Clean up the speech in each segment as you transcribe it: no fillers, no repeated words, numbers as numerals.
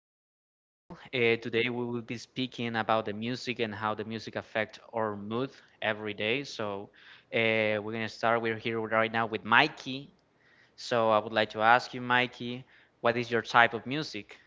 name is Daniel. Today we will be speaking about the music and how the music affect our mood every day. So, we're gonna start. We're here right now with Mikey. So, I would like to ask you, Mikey, what is your type of music?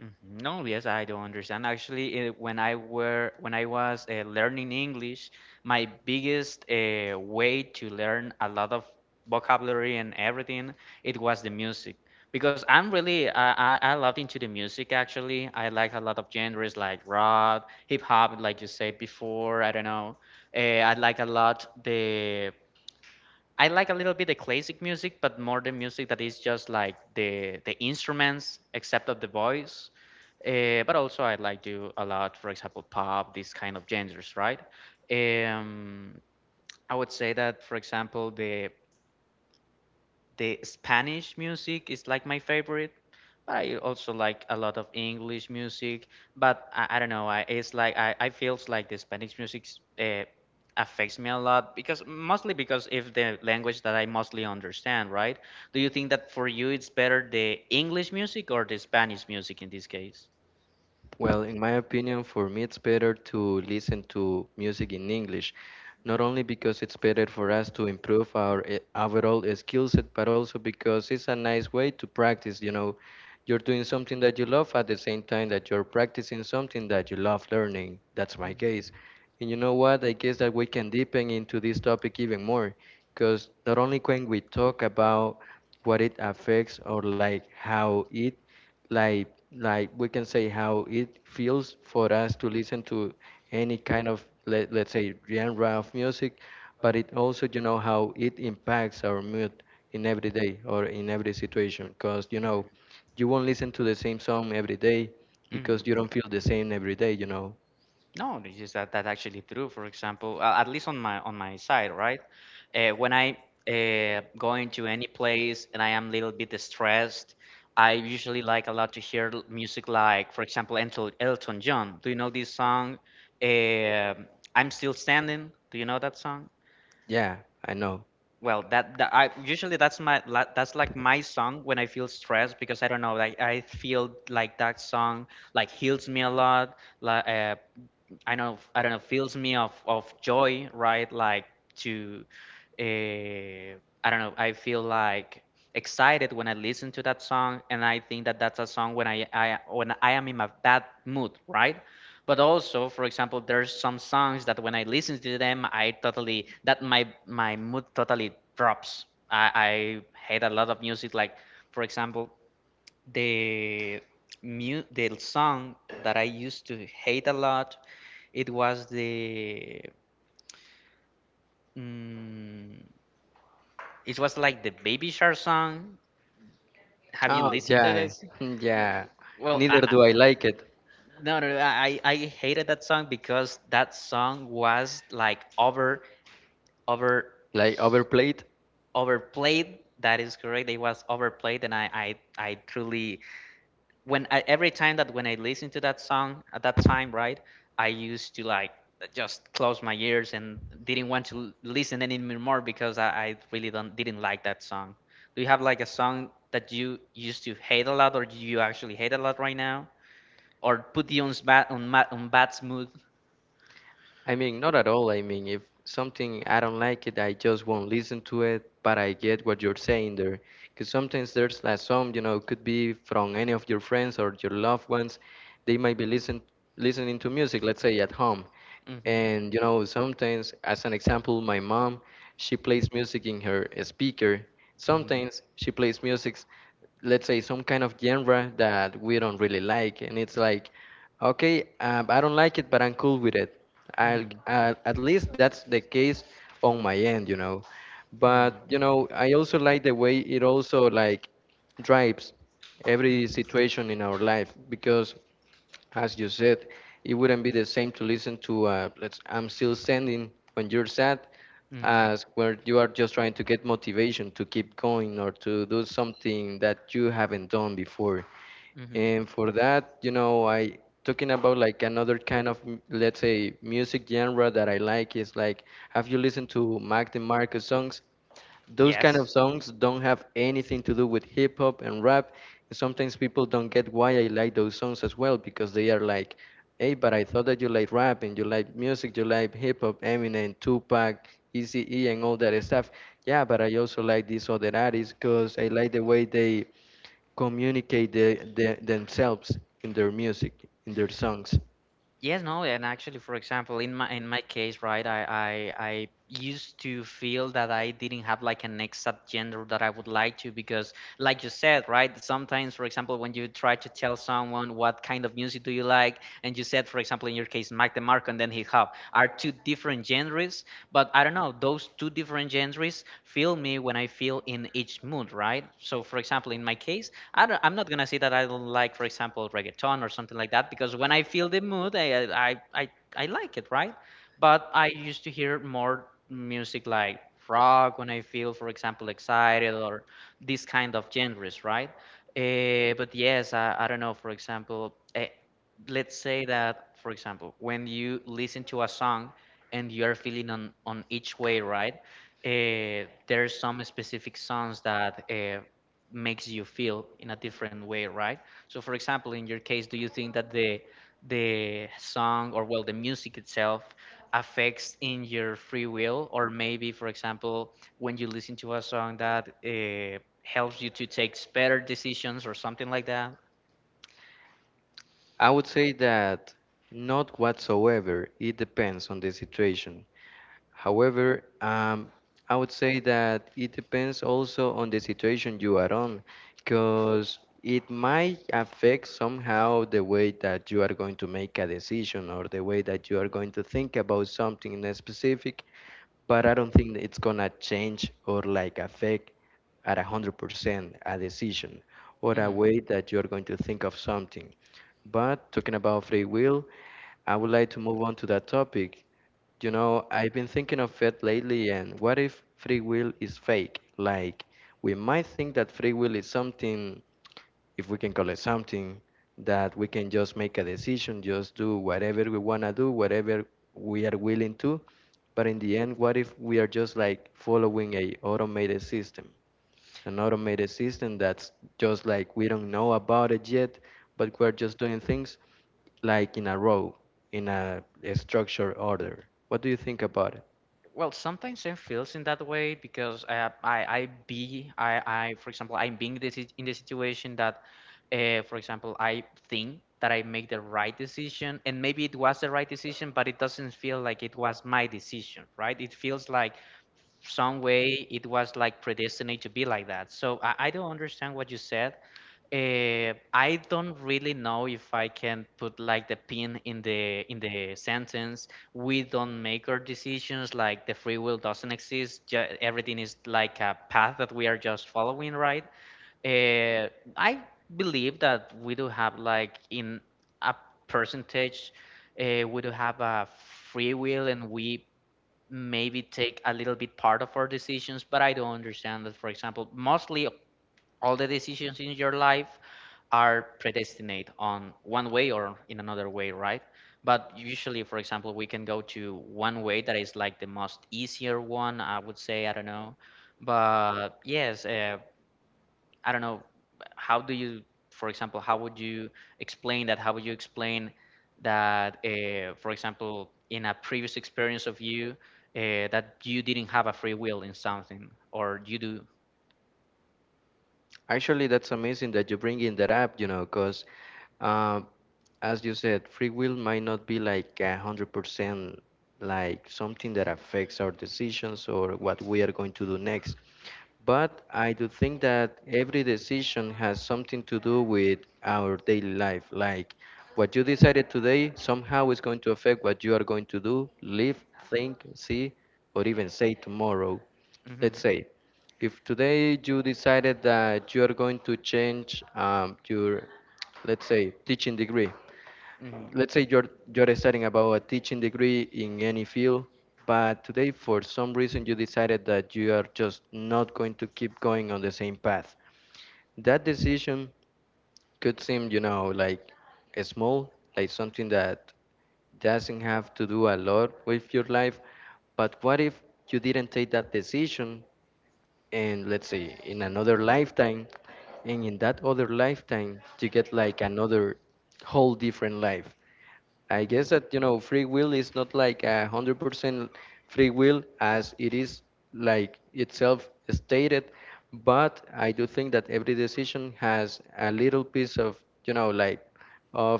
Mhm. No, yes, I do understand. Actually, when I was learning English, my biggest way to learn a lot of vocabulary and everything, it was the music. Because I loved into the music actually. I like a lot of genres like rock, hip hop, like you said before. I don't know. I like a lot the I like a little bit the classic music, but more the music that is just like the instruments except of the voice. But also I like to a lot, for example, pop, these kind of genres, right? Um, I would say that, for example, the Spanish music is like my favorite, but I also like a lot of English music. But I don't know. I It's like I feels like the Spanish music uh, affects me a lot because mostly because if the language that I mostly understand, right? Do you think that for you it's better the English music or the Spanish music in this case?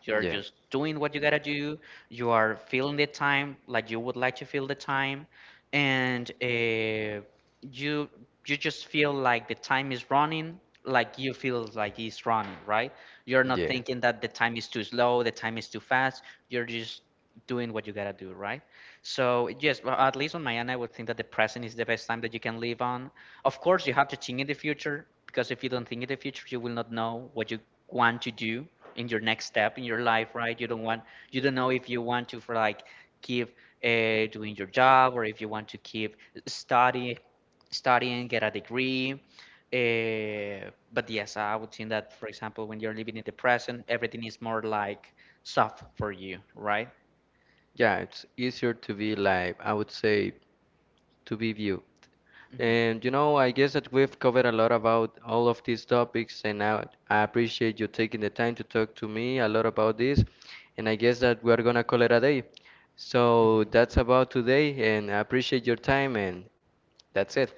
Yeah. Yeah. Yeah, it's easier to be live, I would say, to be you. I guess that we've covered a lot about all of these topics, and I appreciate you taking the time to talk to me a lot about this. And I guess that we're gonna call it a day. So that's about today, and I appreciate your time, and that's it.